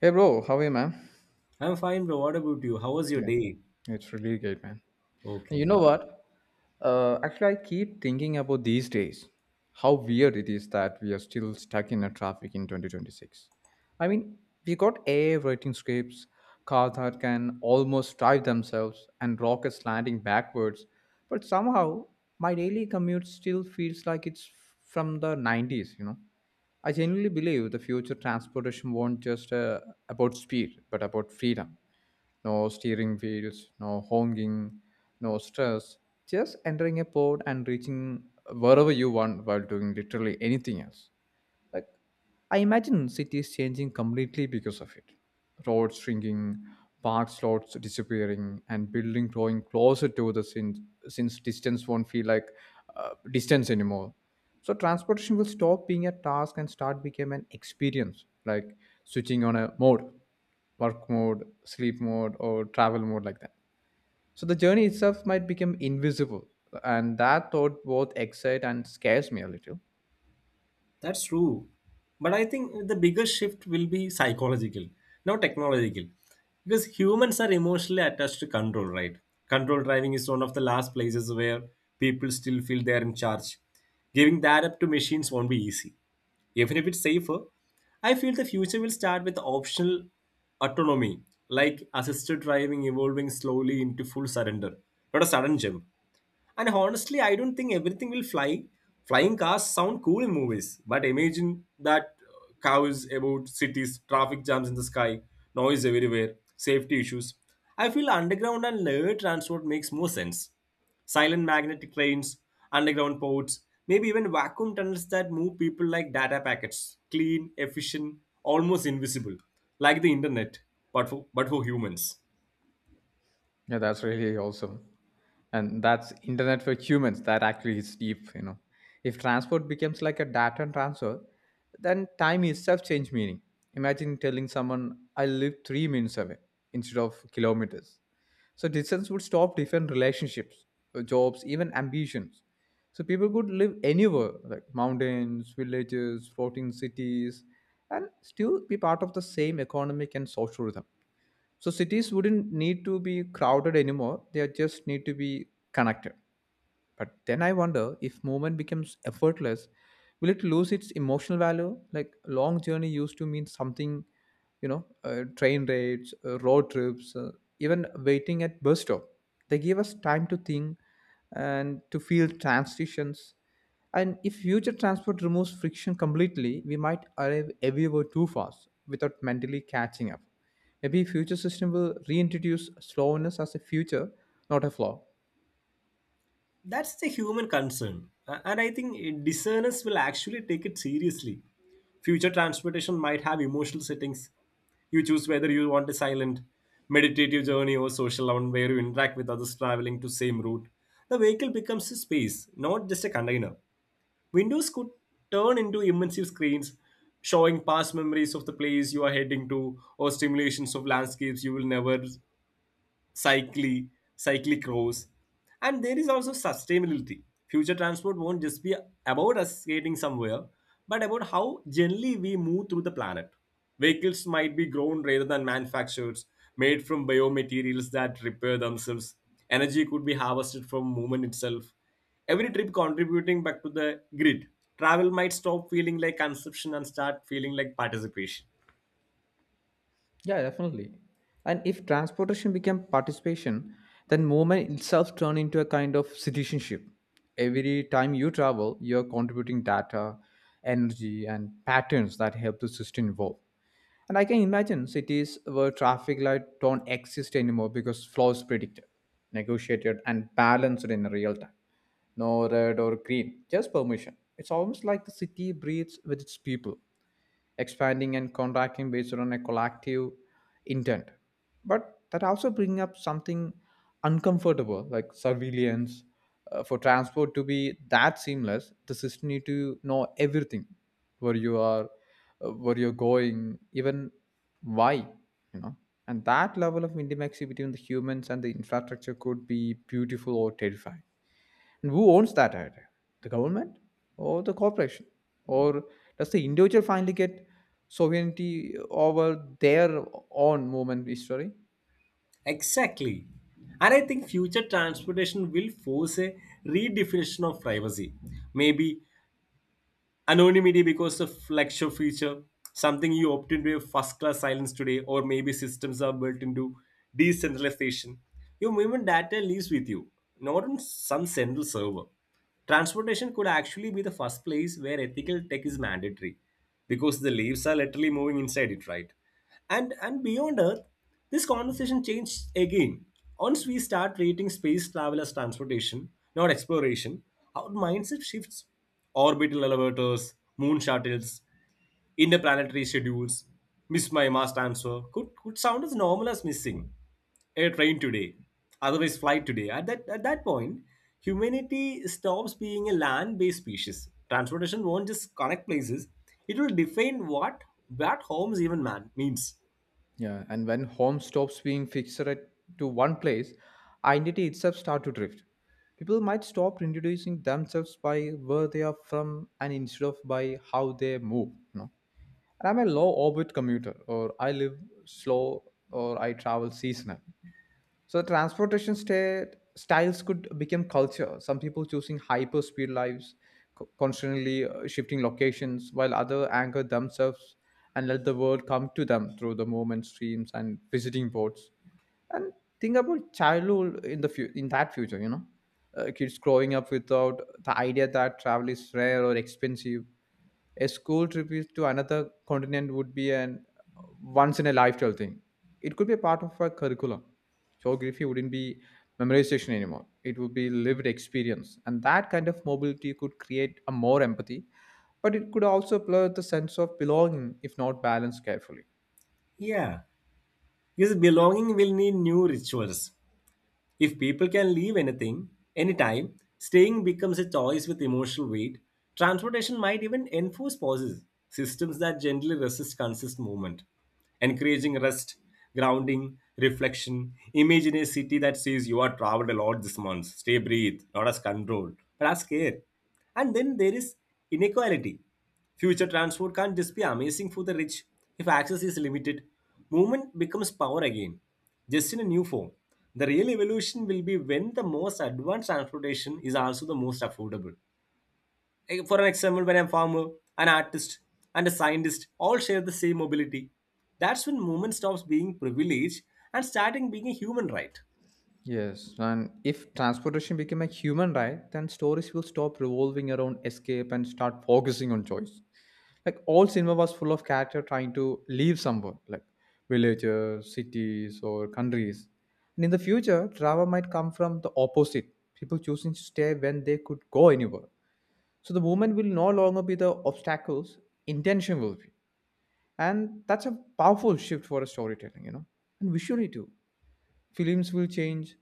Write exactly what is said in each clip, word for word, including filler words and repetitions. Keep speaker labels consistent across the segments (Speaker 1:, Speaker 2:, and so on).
Speaker 1: Hey bro, how are you, man?
Speaker 2: I'm fine, bro. What about you? How was your
Speaker 1: Yeah,
Speaker 2: day?
Speaker 1: it's really great, man. And you
Speaker 2: Okay,
Speaker 1: know what? Uh, actually, I keep thinking about these days how weird it is that we are still stuck in a traffic in twenty twenty-six. I mean, we got A I writing scripts, cars that can almost drive themselves, and rockets landing backwards, but somehow my daily commute still feels like it's from the nineties, you know? I genuinely believe the future transportation won't just uh, about speed, but about freedom, no steering wheels, no honking, no stress, just entering a pod and reaching wherever you want while doing literally anything else. Like I imagine cities changing completely because of it. Roads shrinking, park slots disappearing, and building growing closer to the since since distance won't feel like uh, distance anymore. So transportation will stop being a task and start become an experience, like switching on a mode, work mode, sleep mode, or travel mode like that. So the journey itself might become invisible, and that thought both excites and scares me a little.
Speaker 2: that's true. But I think the biggest shift will be psychological, not technological. Because humans are emotionally attached to control, right? Control driving is one of the last places where people still feel they're in charge. Giving that up to machines won't be easy, even if it's safer. I feel the future will start with optional autonomy, like assisted driving evolving slowly into full surrender, not a sudden jump. And honestly, I don't think everything will fly. Flying cars sound cool in movies, but imagine that uh, cows about cities, traffic jams in the sky, noise everywhere, safety issues. I feel underground and air transport makes more sense. Silent magnetic trains, underground ports, maybe even vacuum tunnels that move people like data packets. Clean, efficient, almost invisible, like the internet, but for, but for humans.
Speaker 1: Yeah, that's really awesome. And that's internet for humans. That actually is deep, you know. If transport becomes like a data and transfer, then time itself change meaning. Imagine telling someone I live three minutes away instead of kilometers. So distance would stop different relationships, uh, jobs, even ambitions. So people could live anywhere, like mountains, villages, floating cities, and still be part of the same economic and social rhythm. So cities wouldn't need to be crowded anymore. They just need to be connected. But then I wonder if movement becomes effortless, will it lose its emotional value? Like long journey used to mean something, you know, uh, train raids, uh, road trips, uh, even waiting at bus stop. They give us time to think and to feel transitions. And if future transport removes friction completely, we might arrive everywhere too fast without mentally catching up. Maybe future system will reintroduce slowness as a future, not a flaw.
Speaker 2: That's the human concern. A- And I think uh, discerners will actually take it seriously. Future transportation might have emotional settings. You choose whether you want a silent, meditative journey or social one where you interact with others traveling to same route. The vehicle becomes a space, not just a container. Windows could turn into immersive screens, showing past memories of the place you are heading to or stimulations of landscapes you will never cycli, cyclicross. And there is also sustainability. Future transport won't just be about us skating somewhere, but about how generally we move through the planet. Vehicles might be grown rather than manufactured, made from biomaterials that repair themselves. Energy could be harvested from movement itself. Every trip contributing back to the grid. Travel might stop feeling like consumption and start feeling like participation.
Speaker 1: Yeah, definitely. And if transportation became participation, then movement itself turned into a kind of citizenship. Every time you travel, you're contributing data, energy, and patterns that help the system evolve. And I can imagine cities where traffic light don't exist anymore because flow is predicted, negotiated, and balanced in real time. No red or green, just permission. It's almost like the city breathes with its people expanding and contracting based on a collective intent. But that also bring up something uncomfortable like surveillance. Uh, for transport to be that seamless, the system need to know everything, where you are, uh, where you're going, even why, you know. And that level of intimacy between the humans and the infrastructure could be beautiful or terrifying. And who owns that idea? The government or the corporation? Or does the individual finally get sovereignty over their own movement history?
Speaker 2: Exactly. And I think future transportation will force a redefinition of privacy. Maybe anonymity because of flagship feature, something you opt into a first class silence today, or maybe systems are built into decentralization. Your movement data lives with you, not on some central server. Transportation could actually be the first place where ethical tech is mandatory because the leaves are literally moving inside it, right? And and beyond Earth, this conversation changed again. Once we start rating space travel as transportation, not exploration, our mindset shifts. Orbital elevators, moon shuttles, interplanetary schedules, miss my mass transfer could could sound as normal as missing a train today, otherwise flight today. At that at that point, humanity stops being a land-based species. Transportation won't just connect places; it will define what what homes even man means.
Speaker 1: Yeah, and when home stops being fixed at- to one place, identity itself start to drift. People might stop introducing themselves by where they are from and instead of by how they move, you know. And I'm a low orbit commuter or I live slow or I travel seasonal. So transportation sta- styles could become culture. Some people choosing hyper speed lives, co- constantly uh, shifting locations, while others anchor themselves and let the world come to them through the movement streams and visiting boards. And think about childhood in the fu- in that future. You know, uh, kids growing up without the idea that travel is rare or expensive, a school trip is to another continent would be an once in a lifetime thing. It could be a part of a curriculum. Geography wouldn't be memorization anymore. It would be lived experience. And that kind of mobility could create a more empathy, but it could also blur the sense of belonging if not balanced carefully.
Speaker 2: Yeah, because belonging will need new rituals. If people can leave anything, anytime, staying becomes a choice with emotional weight. Transportation might even enforce pauses, systems that gently resist consistent movement, encouraging rest, grounding, reflection. Imagine a city that says you are traveled a lot this month, stay breathe, not as controlled, but as care. And then there is inequality. Future transport can not just be amazing for the rich if access is limited. Movement becomes power again, just in a new form. The real evolution will be when the most advanced transportation is also the most affordable. Like, for an example, when a farmer, an artist, and a scientist all share the same mobility, that's when movement stops being privilege and starting being a human right.
Speaker 1: Yes, and if transportation became a human right, then stories will stop revolving around escape and start focusing on choice. Like all cinema was full of character trying to leave somewhere, like villages, cities, or countries. And in the future, travel might come from the opposite: people choosing to stay when they could go anywhere. So the movement will no longer be the obstacles; intention will be, and that's a powerful shift for a storytelling, you know, and visually too. Films will change.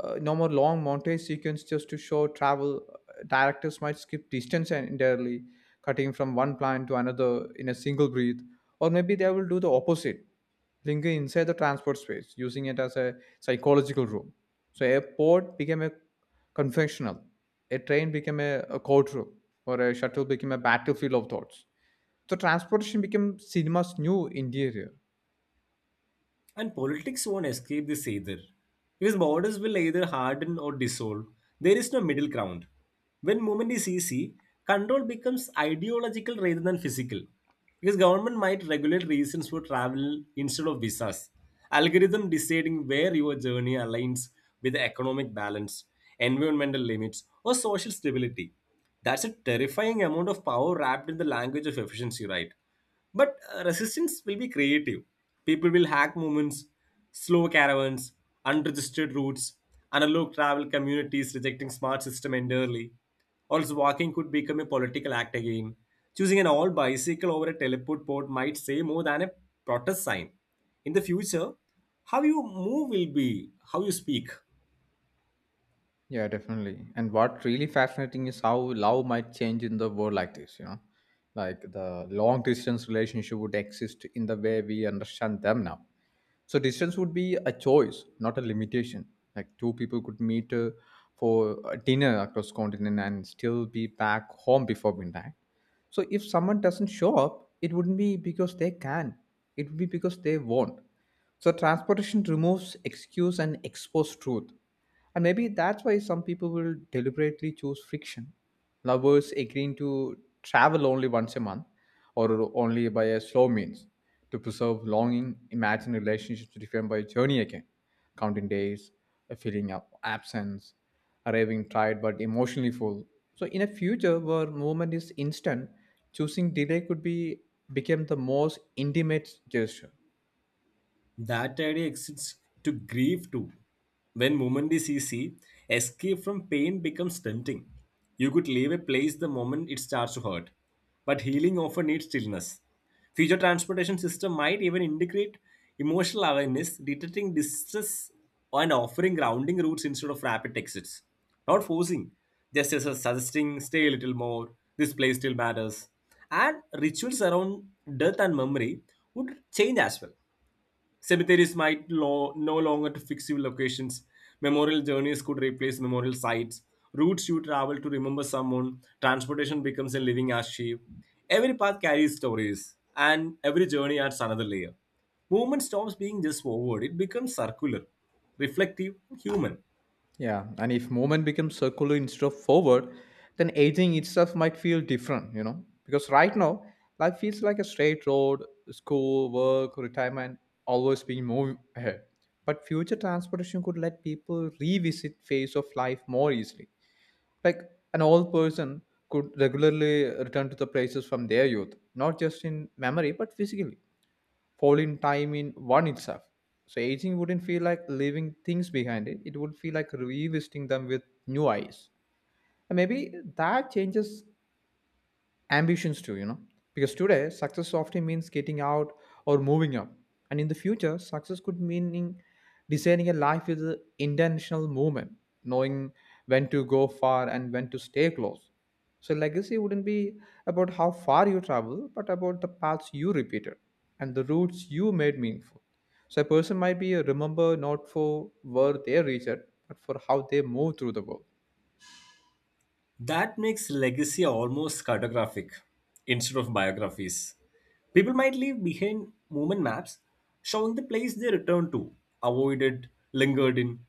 Speaker 1: Uh, no more long montage sequence just to show travel. Uh, Directors might skip distance en- entirely, cutting from one plan to another in a single breath. Or maybe they will do the opposite, linger inside the transport space, using it as a psychological room. So a port became a confessional, a train became a, a courtroom, or a shuttle became a battlefield of thoughts. So transportation became cinema's new interior.
Speaker 2: And politics won't escape this either. Because borders will either harden or dissolve. There is no middle ground. When movement is easy, control becomes ideological rather than physical. Because government might regulate reasons for travel instead of visas. Algorithm deciding where your journey aligns with the economic balance, environmental limits, or social stability. That's a terrifying amount of power wrapped in the language of efficiency, right? But uh, resistance will be creative. People will hack movements, slow caravans, unregistered routes, analog travel communities rejecting smart system entirely. Also, walking could become a political act again. Choosing an all bicycle over a teleport board might say more than a protest sign. In the future, how you move will be how you speak.
Speaker 1: Yeah, definitely. And what really fascinating is how love might change in the world like this, you know. Like the long distance relationship would exist in the way we understand them now. So distance would be a choice, not a limitation. Like two people could meet uh, for a dinner across continent and still be back home before midnight. So if someone doesn't show up, it wouldn't be because they can. It would be because they won't. So transportation removes excuse and exposes truth. And maybe that's why some people will deliberately choose friction. Lovers agreeing to travel only once a month or only by a slow means to preserve longing, imagine relationships defined by journey again, counting days, a feeling of absence, arriving tired but emotionally full. So in a future where movement is instant, choosing delay could be become the most intimate gesture.
Speaker 2: That idea exists to grieve too. When movement is easy, escape from pain becomes tempting. You could leave a place the moment it starts to hurt. But healing often needs stillness. Future transportation system might even integrate emotional awareness, detecting distress and offering grounding routes instead of rapid exits. Not forcing, just as a suggesting stay a little more, this place still matters. And rituals around death and memory would change as well. Cemeteries might lo- no longer to fix your locations. Memorial journeys could replace memorial sites. Routes you travel to remember someone. Transportation becomes a living archive. Every path carries stories, and every journey adds another layer. Movement stops being just forward, it becomes circular, reflective, and human.
Speaker 1: Yeah, and if movement becomes circular instead of forward, then aging itself might feel different, you know? Because right now, life feels like a straight road, school, work, retirement, always being moving ahead. But future transportation could let people revisit phase of life more easily. Like an old person could regularly return to the places from their youth, not just in memory, but physically fall in time in one itself. So aging wouldn't feel like leaving things behind it. It would feel like revisiting them with new eyes. And maybe that changes ambitions too, you know. Because today, success often means getting out or moving up. And in the future, success could mean designing a life with an intentional movement, knowing when to go far and when to stay close. So, legacy wouldn't be about how far you travel, but about the paths you repeated and the routes you made meaningful. So, a person might be remembered not for where they reached, but for how they moved through the world.
Speaker 2: That makes legacy almost cartographic instead of biographies. People might leave behind movement maps showing the place they returned to, avoided, lingered in.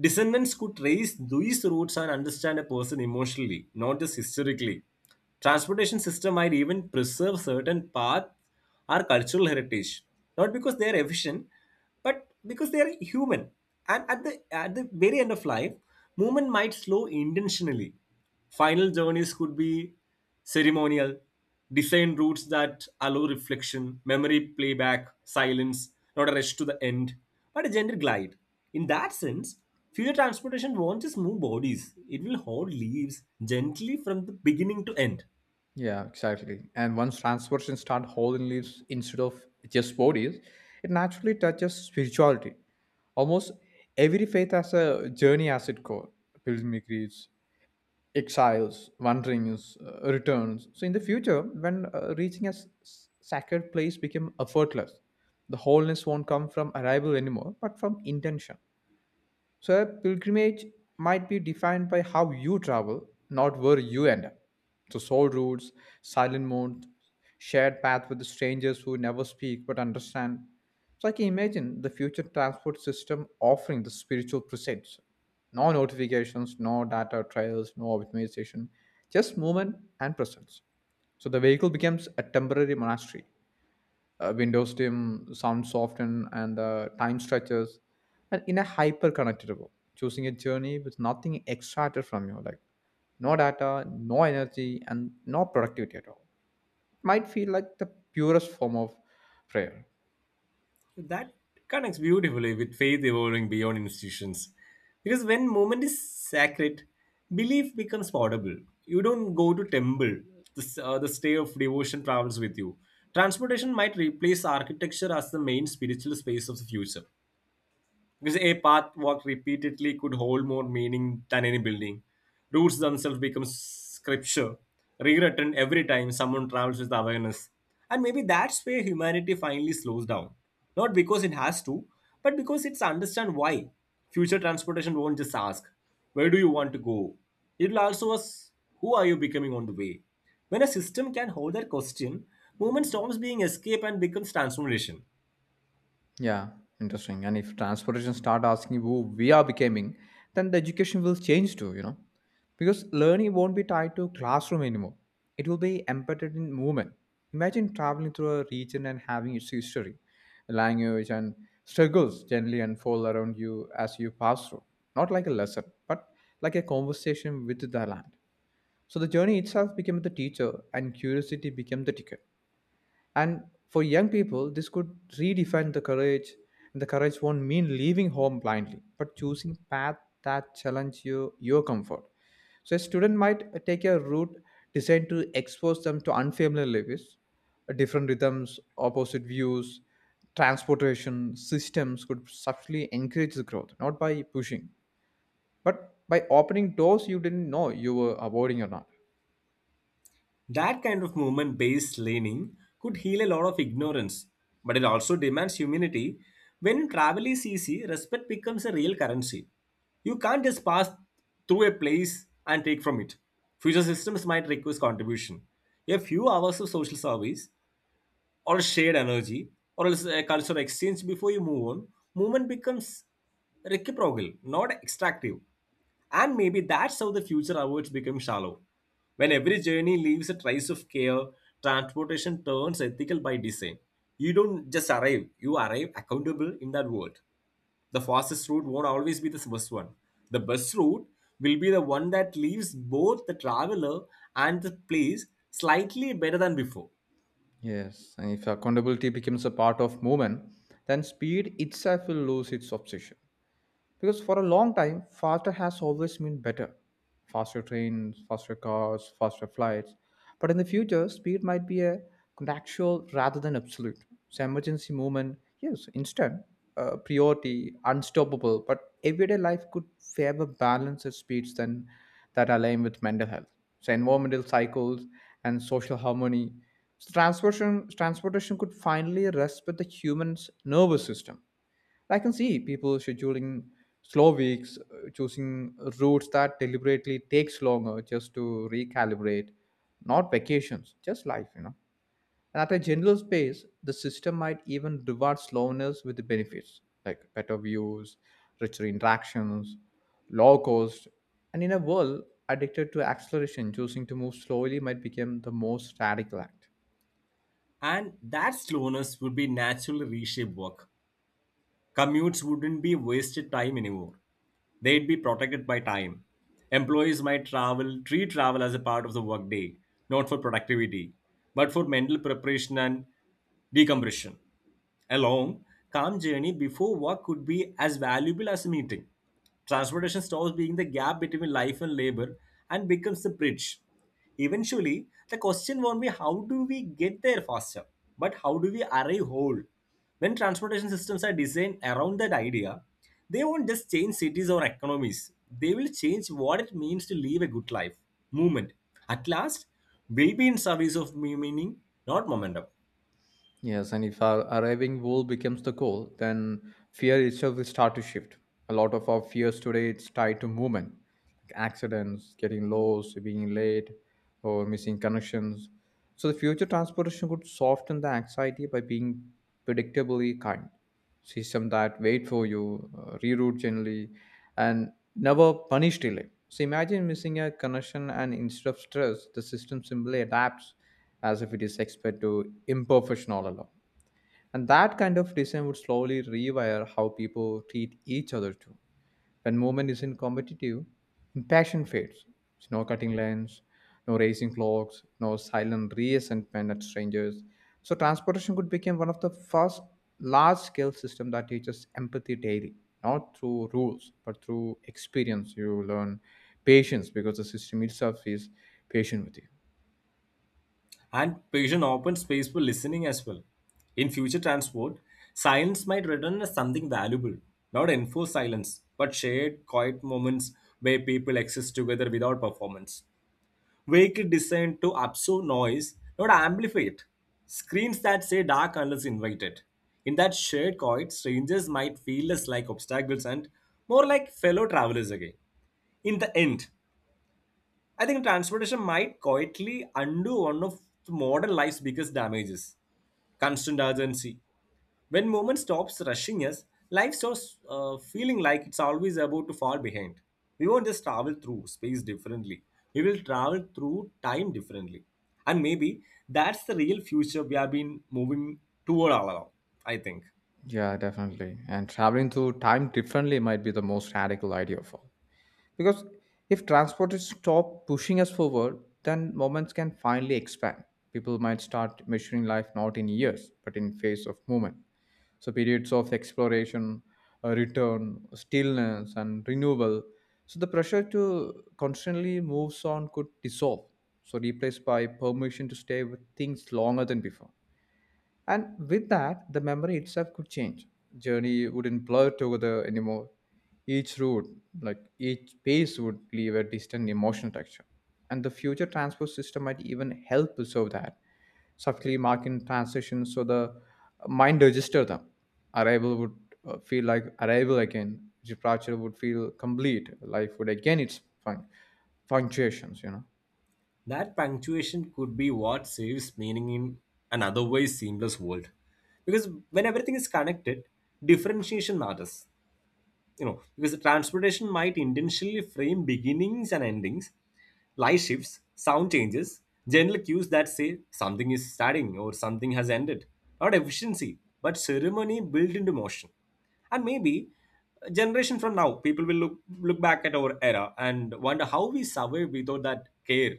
Speaker 2: Descendants could trace these routes and understand a person emotionally, not just historically. Transportation system might even preserve certain paths or cultural heritage, not because they are efficient, but because they are human. And at the at the very end of life, movement might slow intentionally. Final journeys could be ceremonial, design routes that allow reflection, memory playback, silence, not a rush to the end, but a gentle glide. In that sense, future transportation won't just move bodies, it will hold leaves gently from the beginning to end.
Speaker 1: Yeah, exactly. And once transversions start holding leaves instead of just bodies, it naturally touches spirituality. Almost every faith has a journey as its core pilgrimages, exiles, wanderings, uh, returns. So, in the future, when uh, reaching a s- s- sacred place became effortless, the wholeness won't come from arrival anymore, but from intention. So a pilgrimage might be defined by how you travel, not where you end up. So soul routes, silent moons, shared path with strangers who never speak but understand. So I can imagine the future transport system offering the spiritual presence. No notifications, no data trails, no optimization, just movement and presence. So the vehicle becomes a temporary monastery. uh, Windows Team, sound soften, and the time stretches, and in a hyper connectable, choosing a journey with nothing extracted from you, like no data, no energy, and no productivity at all. Might feel like the purest form of prayer.
Speaker 2: That connects beautifully with faith evolving beyond institutions. Because when moment is sacred, belief becomes portable. You don't go to temple. The, uh, the stay of devotion travels with you. Transportation might replace architecture as the main spiritual space of the future. Because a path walked repeatedly could hold more meaning than any building. Routes themselves become scripture, rewritten every time someone travels with awareness. And maybe that's where humanity finally slows down. Not because it has to, but because it's understand why. Future transportation won't just ask, where do you want to go? It'll also ask, who are you becoming on the way? When a system can hold that question, movement stops being escape and becomes transformation.
Speaker 1: Yeah, interesting. And if transportation start asking who we are becoming, then the education will change too, you know. Because learning won't be tied to classroom anymore. It will be embedded in movement. Imagine traveling through a region and having its history, language and struggles gently unfold around you as you pass through. Not like a lesson, but like a conversation with the land. So the journey itself became the teacher and curiosity became the ticket. And for young people, this could redefine the courage. And the courage won't mean leaving home blindly, but choosing path that challenge you, your comfort. So a student might take a route designed to expose them to unfamiliar lives, different rhythms, opposite views, transportation systems could subtly encourage the growth, not by pushing, but by opening doors you didn't know you were avoiding or not.
Speaker 2: That kind of movement based learning could heal a lot of ignorance, but it also demands humility. When travel is easy, respect becomes a real currency. You can't just pass through a place and take from it. Future systems might request contribution. A few hours of social service or shared energy or else a cultural exchange before you move on, movement becomes reciprocal, not extractive. And maybe that's how the future awards become shallow. When every journey leaves a trace of care, transportation turns ethical by design. You don't just arrive, you arrive accountable in that world. The fastest route won't always be the best one. The best route will be the one that leaves both the traveler and the place slightly better than before.
Speaker 1: Yes, and if accountability becomes a part of movement, then speed itself will lose its obsession. Because for a long time, faster has always meant better. Faster trains, faster cars, faster flights. But in the future, speed might be a contextual rather than absolute. So emergency movement, yes, instant. Uh, priority, unstoppable. But everyday life could favor balance at speeds than that align with mental health. So environmental cycles and social harmony. So transportation, transportation could finally respect the human's nervous system. I can see people scheduling slow weeks, uh, choosing routes that deliberately takes longer just to recalibrate, not vacations, just life, you know. And at a general space, the system might even reward slowness with the benefits like better views, richer interactions, low cost. And in a world addicted to acceleration, choosing to move slowly might become the most radical act.
Speaker 2: And that slowness would be naturally reshape work. Commutes wouldn't be wasted time anymore. They'd be protected by time. Employees might travel, treat travel as a part of the workday, not for productivity, but for mental preparation and decompression. A long, calm journey before work could be as valuable as a meeting. Transportation stops being the gap between life and labor and becomes the bridge. Eventually, the question won't be how do we get there faster, but how do we arrive whole? When transportation systems are designed around that idea, they won't just change cities or economies. They will change what it means to live a good life. Movement. At last, will be in service of meaning, not momentum.
Speaker 1: Yes, and if our arriving goal becomes the goal, then fear itself will start to shift. A lot of our fears today it's tied to movement. Like accidents, getting lost, being late, or missing connections. So the future transportation could soften the anxiety by being predictably kind. System that wait for you, uh, reroute gently, and never punish delay. So imagine missing a connection and instead of stress, the system simply adapts as if it is expert to imperfection all along. And that kind of design would slowly rewire how people treat each other too. When movement isn't competitive, impassion fades. It's no cutting lines, no racing clocks, no silent resentment at strangers. So transportation could become one of the first large-scale system that teaches empathy daily, not through rules, but through experience. You learn patience because the system itself is patient with you.
Speaker 2: And patient open space for listening as well. In future transport, silence might return as something valuable, not enforced silence, but shared quiet moments where people exist together without performance. Vehicle designed to absorb noise, not amplify it. Screens that say dark unless invited. In that shared quiet, strangers might feel less like obstacles and more like fellow travelers again. In the end, I think transportation might quietly undo one of modern life's biggest damages constant urgency. When movement stops rushing us, life starts uh, feeling like it's always about to fall behind. We won't just travel through space differently, we will travel through time differently. And maybe that's the real future we have been moving toward all along, I think.
Speaker 1: Yeah, definitely. And traveling through time differently might be the most radical idea of all. Because if transport is stop pushing us forward, then moments can finally expand. People might start measuring life not in years, but in phase of movement. So periods of exploration, uh, return, stillness, and renewal. So the pressure to constantly move on could dissolve. So replaced by permission to stay with things longer than before. And with that, the memory itself could change. Journey wouldn't blur together anymore. Each route, like each pace, would leave a distant emotional texture. And the future transport system might even help to solve that, subtly marking transitions so the mind registers them. Arrival would uh, feel like arrival again. Departure would feel complete. Life would again its fun- punctuations, you know.
Speaker 2: That punctuation could be what saves meaning in an otherwise seamless world. Because when everything is connected, differentiation matters. You know, because transportation might intentionally frame beginnings and endings, light shifts, sound changes, general cues that say something is starting or something has ended. Not efficiency, but ceremony built into motion. And maybe a generation from now, people will look look back at our era and wonder how we survived without that care,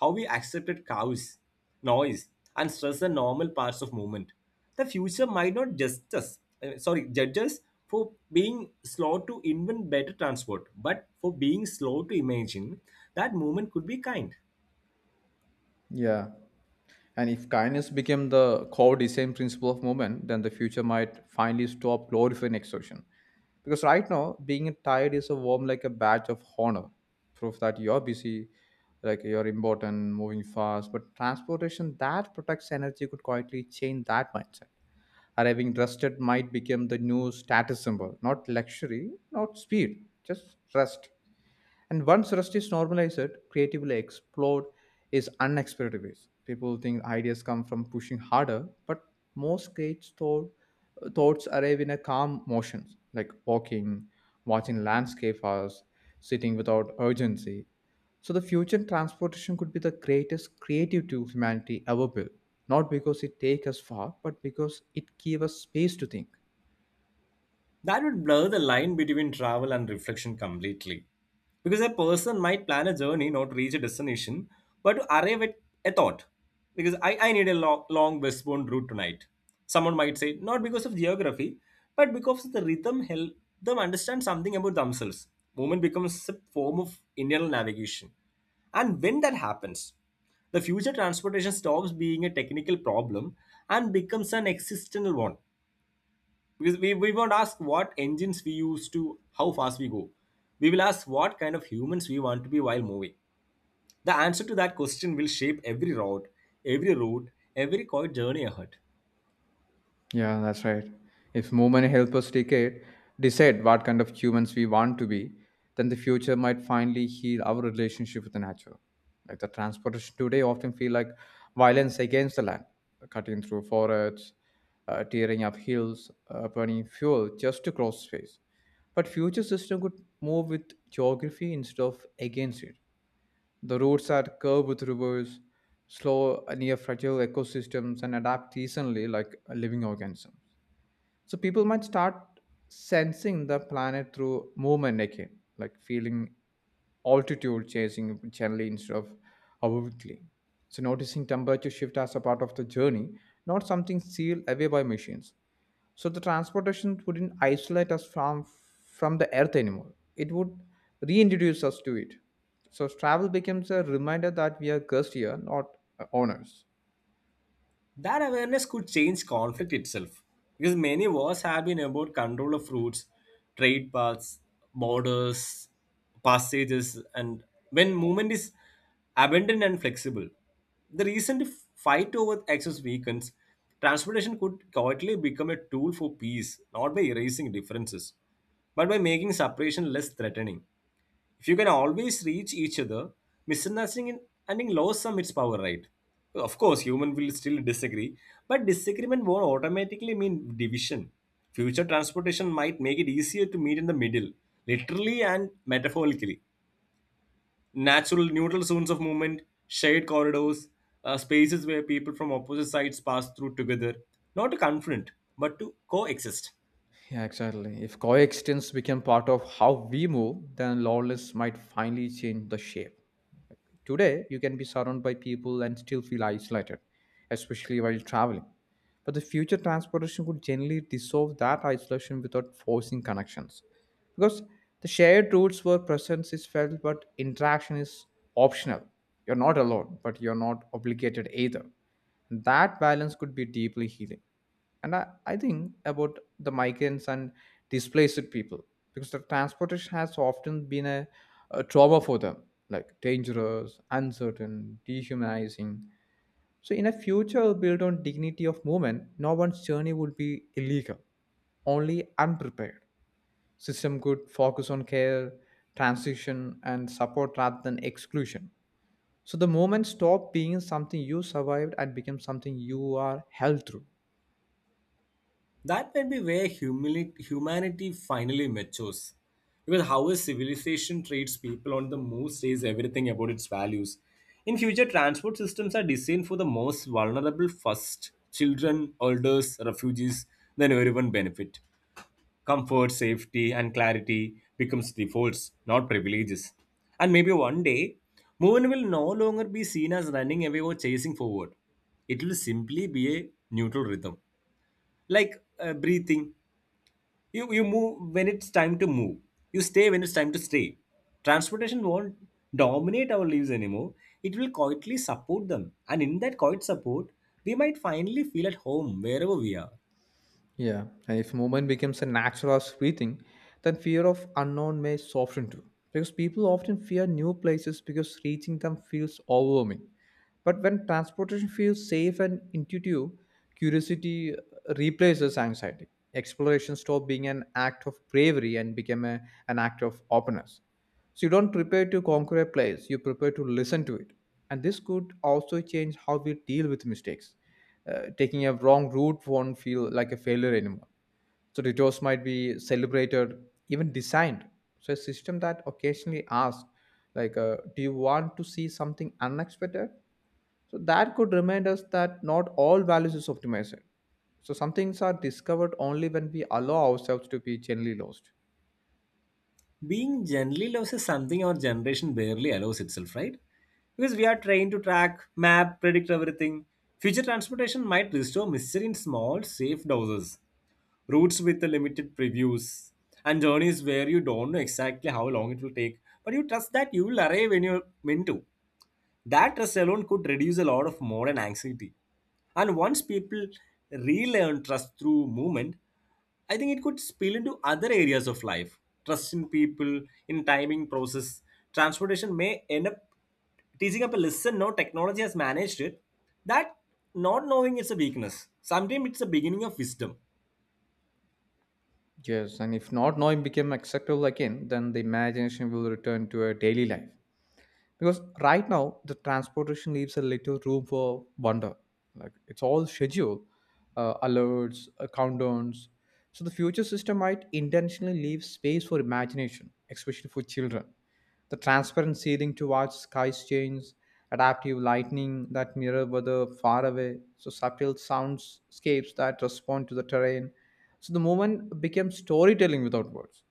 Speaker 2: how we accepted cows, noise, and stress are normal parts of movement. The future might not just us, uh, sorry, judge us for being slow to invent better transport, but for being slow to imagine that movement could be kind.
Speaker 1: Yeah. And if kindness became the core design principle of movement, then the future might finally stop glorifying exhaustion. Because right now, being tired is a warm like a badge of honor, proof that you're busy, like you're important, moving fast. But transportation that protects energy could quietly change that mindset. Arriving rested might become the new status symbol, not luxury, not speed, just rest. And once rest is normalized, creatively explored is unexpected ways. People think ideas come from pushing harder, but most great thought, thoughts arrive in a calm motions, like walking, watching landscape hours, sitting without urgency. So the future transportation could be the greatest creative tool humanity ever built. Not because it takes us far, but because it gives us space to think.
Speaker 2: That would blur the line between travel and reflection completely. Because a person might plan a journey, not reach a destination, but to arrive at a thought. Because I, I need a long, long westbound route tonight. Someone might say, not because of geography, but because the rhythm help them understand something about themselves. Movement becomes a form of internal navigation. And when that happens, the future transportation stops being a technical problem and becomes an existential one. Because we, we won't ask what engines we use to how fast we go. We will ask what kind of humans we want to be while moving. The answer to that question will shape every route, every route, every quiet journey ahead.
Speaker 1: Yeah, that's right. If movement helps us decade, decide what kind of humans we want to be, then the future might finally heal our relationship with the nature. Like the transportation today often feel like violence against the land, cutting through forests, uh, tearing up hills, uh, burning fuel just to cross space. But future system could move with geography instead of against it. The roots are curved with rivers, slow near fragile ecosystems, and adapt seasonally like living organisms. So people might start sensing the planet through movement again, like feeling altitude chasing gently instead of abruptly. So noticing temperature shift as a part of the journey, not something sealed away by machines. So the transportation wouldn't isolate us from from the earth anymore. It would reintroduce us to it. So travel becomes a reminder that we are guests here, not uh, owners.
Speaker 2: That awareness could change conflict itself because many wars have been about control of routes, trade paths, borders, passages, and when movement is abundant and flexible. The recent fight over access weakens. Transportation could quietly become a tool for peace, not by erasing differences, but by making separation less threatening if you can always reach each other, misunderstanding ending lost some its power, right? Of course, human will still disagree, but disagreement won't automatically mean division. Future transportation might make it easier to meet in the middle, literally and metaphorically. Natural neutral zones of movement, shared corridors, uh, spaces where people from opposite sides pass through together, not to confront, but to coexist.
Speaker 1: Yeah, exactly. If coexistence became part of how we move, then lawless might finally change the shape. Today, you can be surrounded by people and still feel isolated, especially while traveling. But the future transportation could generally dissolve that isolation without forcing connections. Because the shared routes where presence is felt, but interaction is optional. You're not alone, but you're not obligated either. That balance could be deeply healing, and I, I think about the migrants and displaced people because the transportation has often been a, a trauma for them, like dangerous, uncertain, dehumanizing. So in a future built on dignity of movement, no one's journey would be illegal, only unprepared. System could focus on care, transition, and support rather than exclusion. So the moment stop being something you survived and become something you are held through.
Speaker 2: That might be where humili- humanity finally matures. Because how a civilization treats people on the move says everything about its values. In future, transport systems are designed for the most vulnerable first children, elders, refugees, then everyone benefit. Comfort, safety, and clarity becomes defaults, not privileges. And maybe one day, movement will no longer be seen as running away or chasing forward. It will simply be a neutral rhythm, like uh, breathing. You you move when it's time to move. You stay when it's time to stay. Transportation won't dominate our lives anymore. It will quietly support them, and in that quiet support we might finally feel at home wherever we are.
Speaker 1: Yeah, and if movement becomes a natural as breathing, then fear of unknown may soften too. Because people often fear new places because reaching them feels overwhelming. But when transportation feels safe and intuitive, curiosity uh, replaces anxiety. Exploration stops being an act of bravery and become a, an act of openness. So you don't prepare to conquer a place, you prepare to listen to it. And this could also change how we deal with mistakes. Uh, taking a wrong route won't feel like a failure anymore. So detours might be celebrated, even designed. So a system that occasionally asks, like, uh, do you want to see something unexpected? So that could remind us that not all values is optimized. So some things are discovered only when we allow ourselves to be generally lost.
Speaker 2: Being generally loves is something our generation barely allows itself, right? Because we are trained to track map predict everything. Future transportation might restore mystery in small safe doses, routes with the limited previews, and journeys where you don't know exactly how long it will take, but you trust that you will arrive when you're meant to. That trust alone could reduce a lot of modern anxiety, and once people relearn trust through movement, I think it could spill into other areas of life. Trust in people, in timing process. Transportation may end up teaching up a lesson no technology has managed it, that not knowing is a weakness sometimes it's a beginning of wisdom.
Speaker 1: Yes, and if not knowing became acceptable again, then the imagination will return to a daily life because right now the transportation leaves a little room for wonder, like it's all schedule, uh, alerts, uh, countdowns. So the future system might intentionally leave space for imagination, especially for children. The transparent ceiling towards skies change, adaptive lighting that mirror weather far away, so subtle soundscapes that respond to the terrain. So the moment became storytelling without words.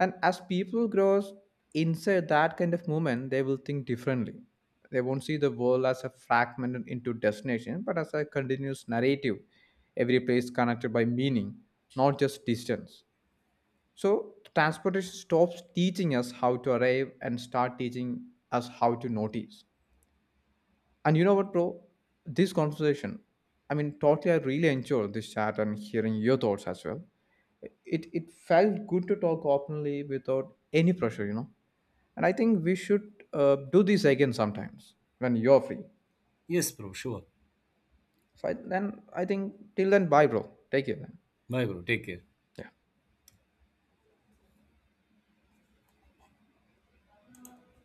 Speaker 1: And as people grows inside that kind of movement, they will think differently. They won't see the world as a fragmented into destination, but as a continuous narrative. Every place connected by meaning, not just distance. So transportation stops teaching us how to arrive and start teaching us how to notice. And you know what, bro? This conversation, I mean, totally, I really enjoyed this chat and hearing your thoughts as well. It it felt good to talk openly without any pressure, you know. And I think we should uh, do this again sometimes when you're free.
Speaker 2: Yes, bro, sure.
Speaker 1: So I, then I think till then, bye, bro. Take care then.
Speaker 2: Bye, bro. Take care.
Speaker 1: Yeah.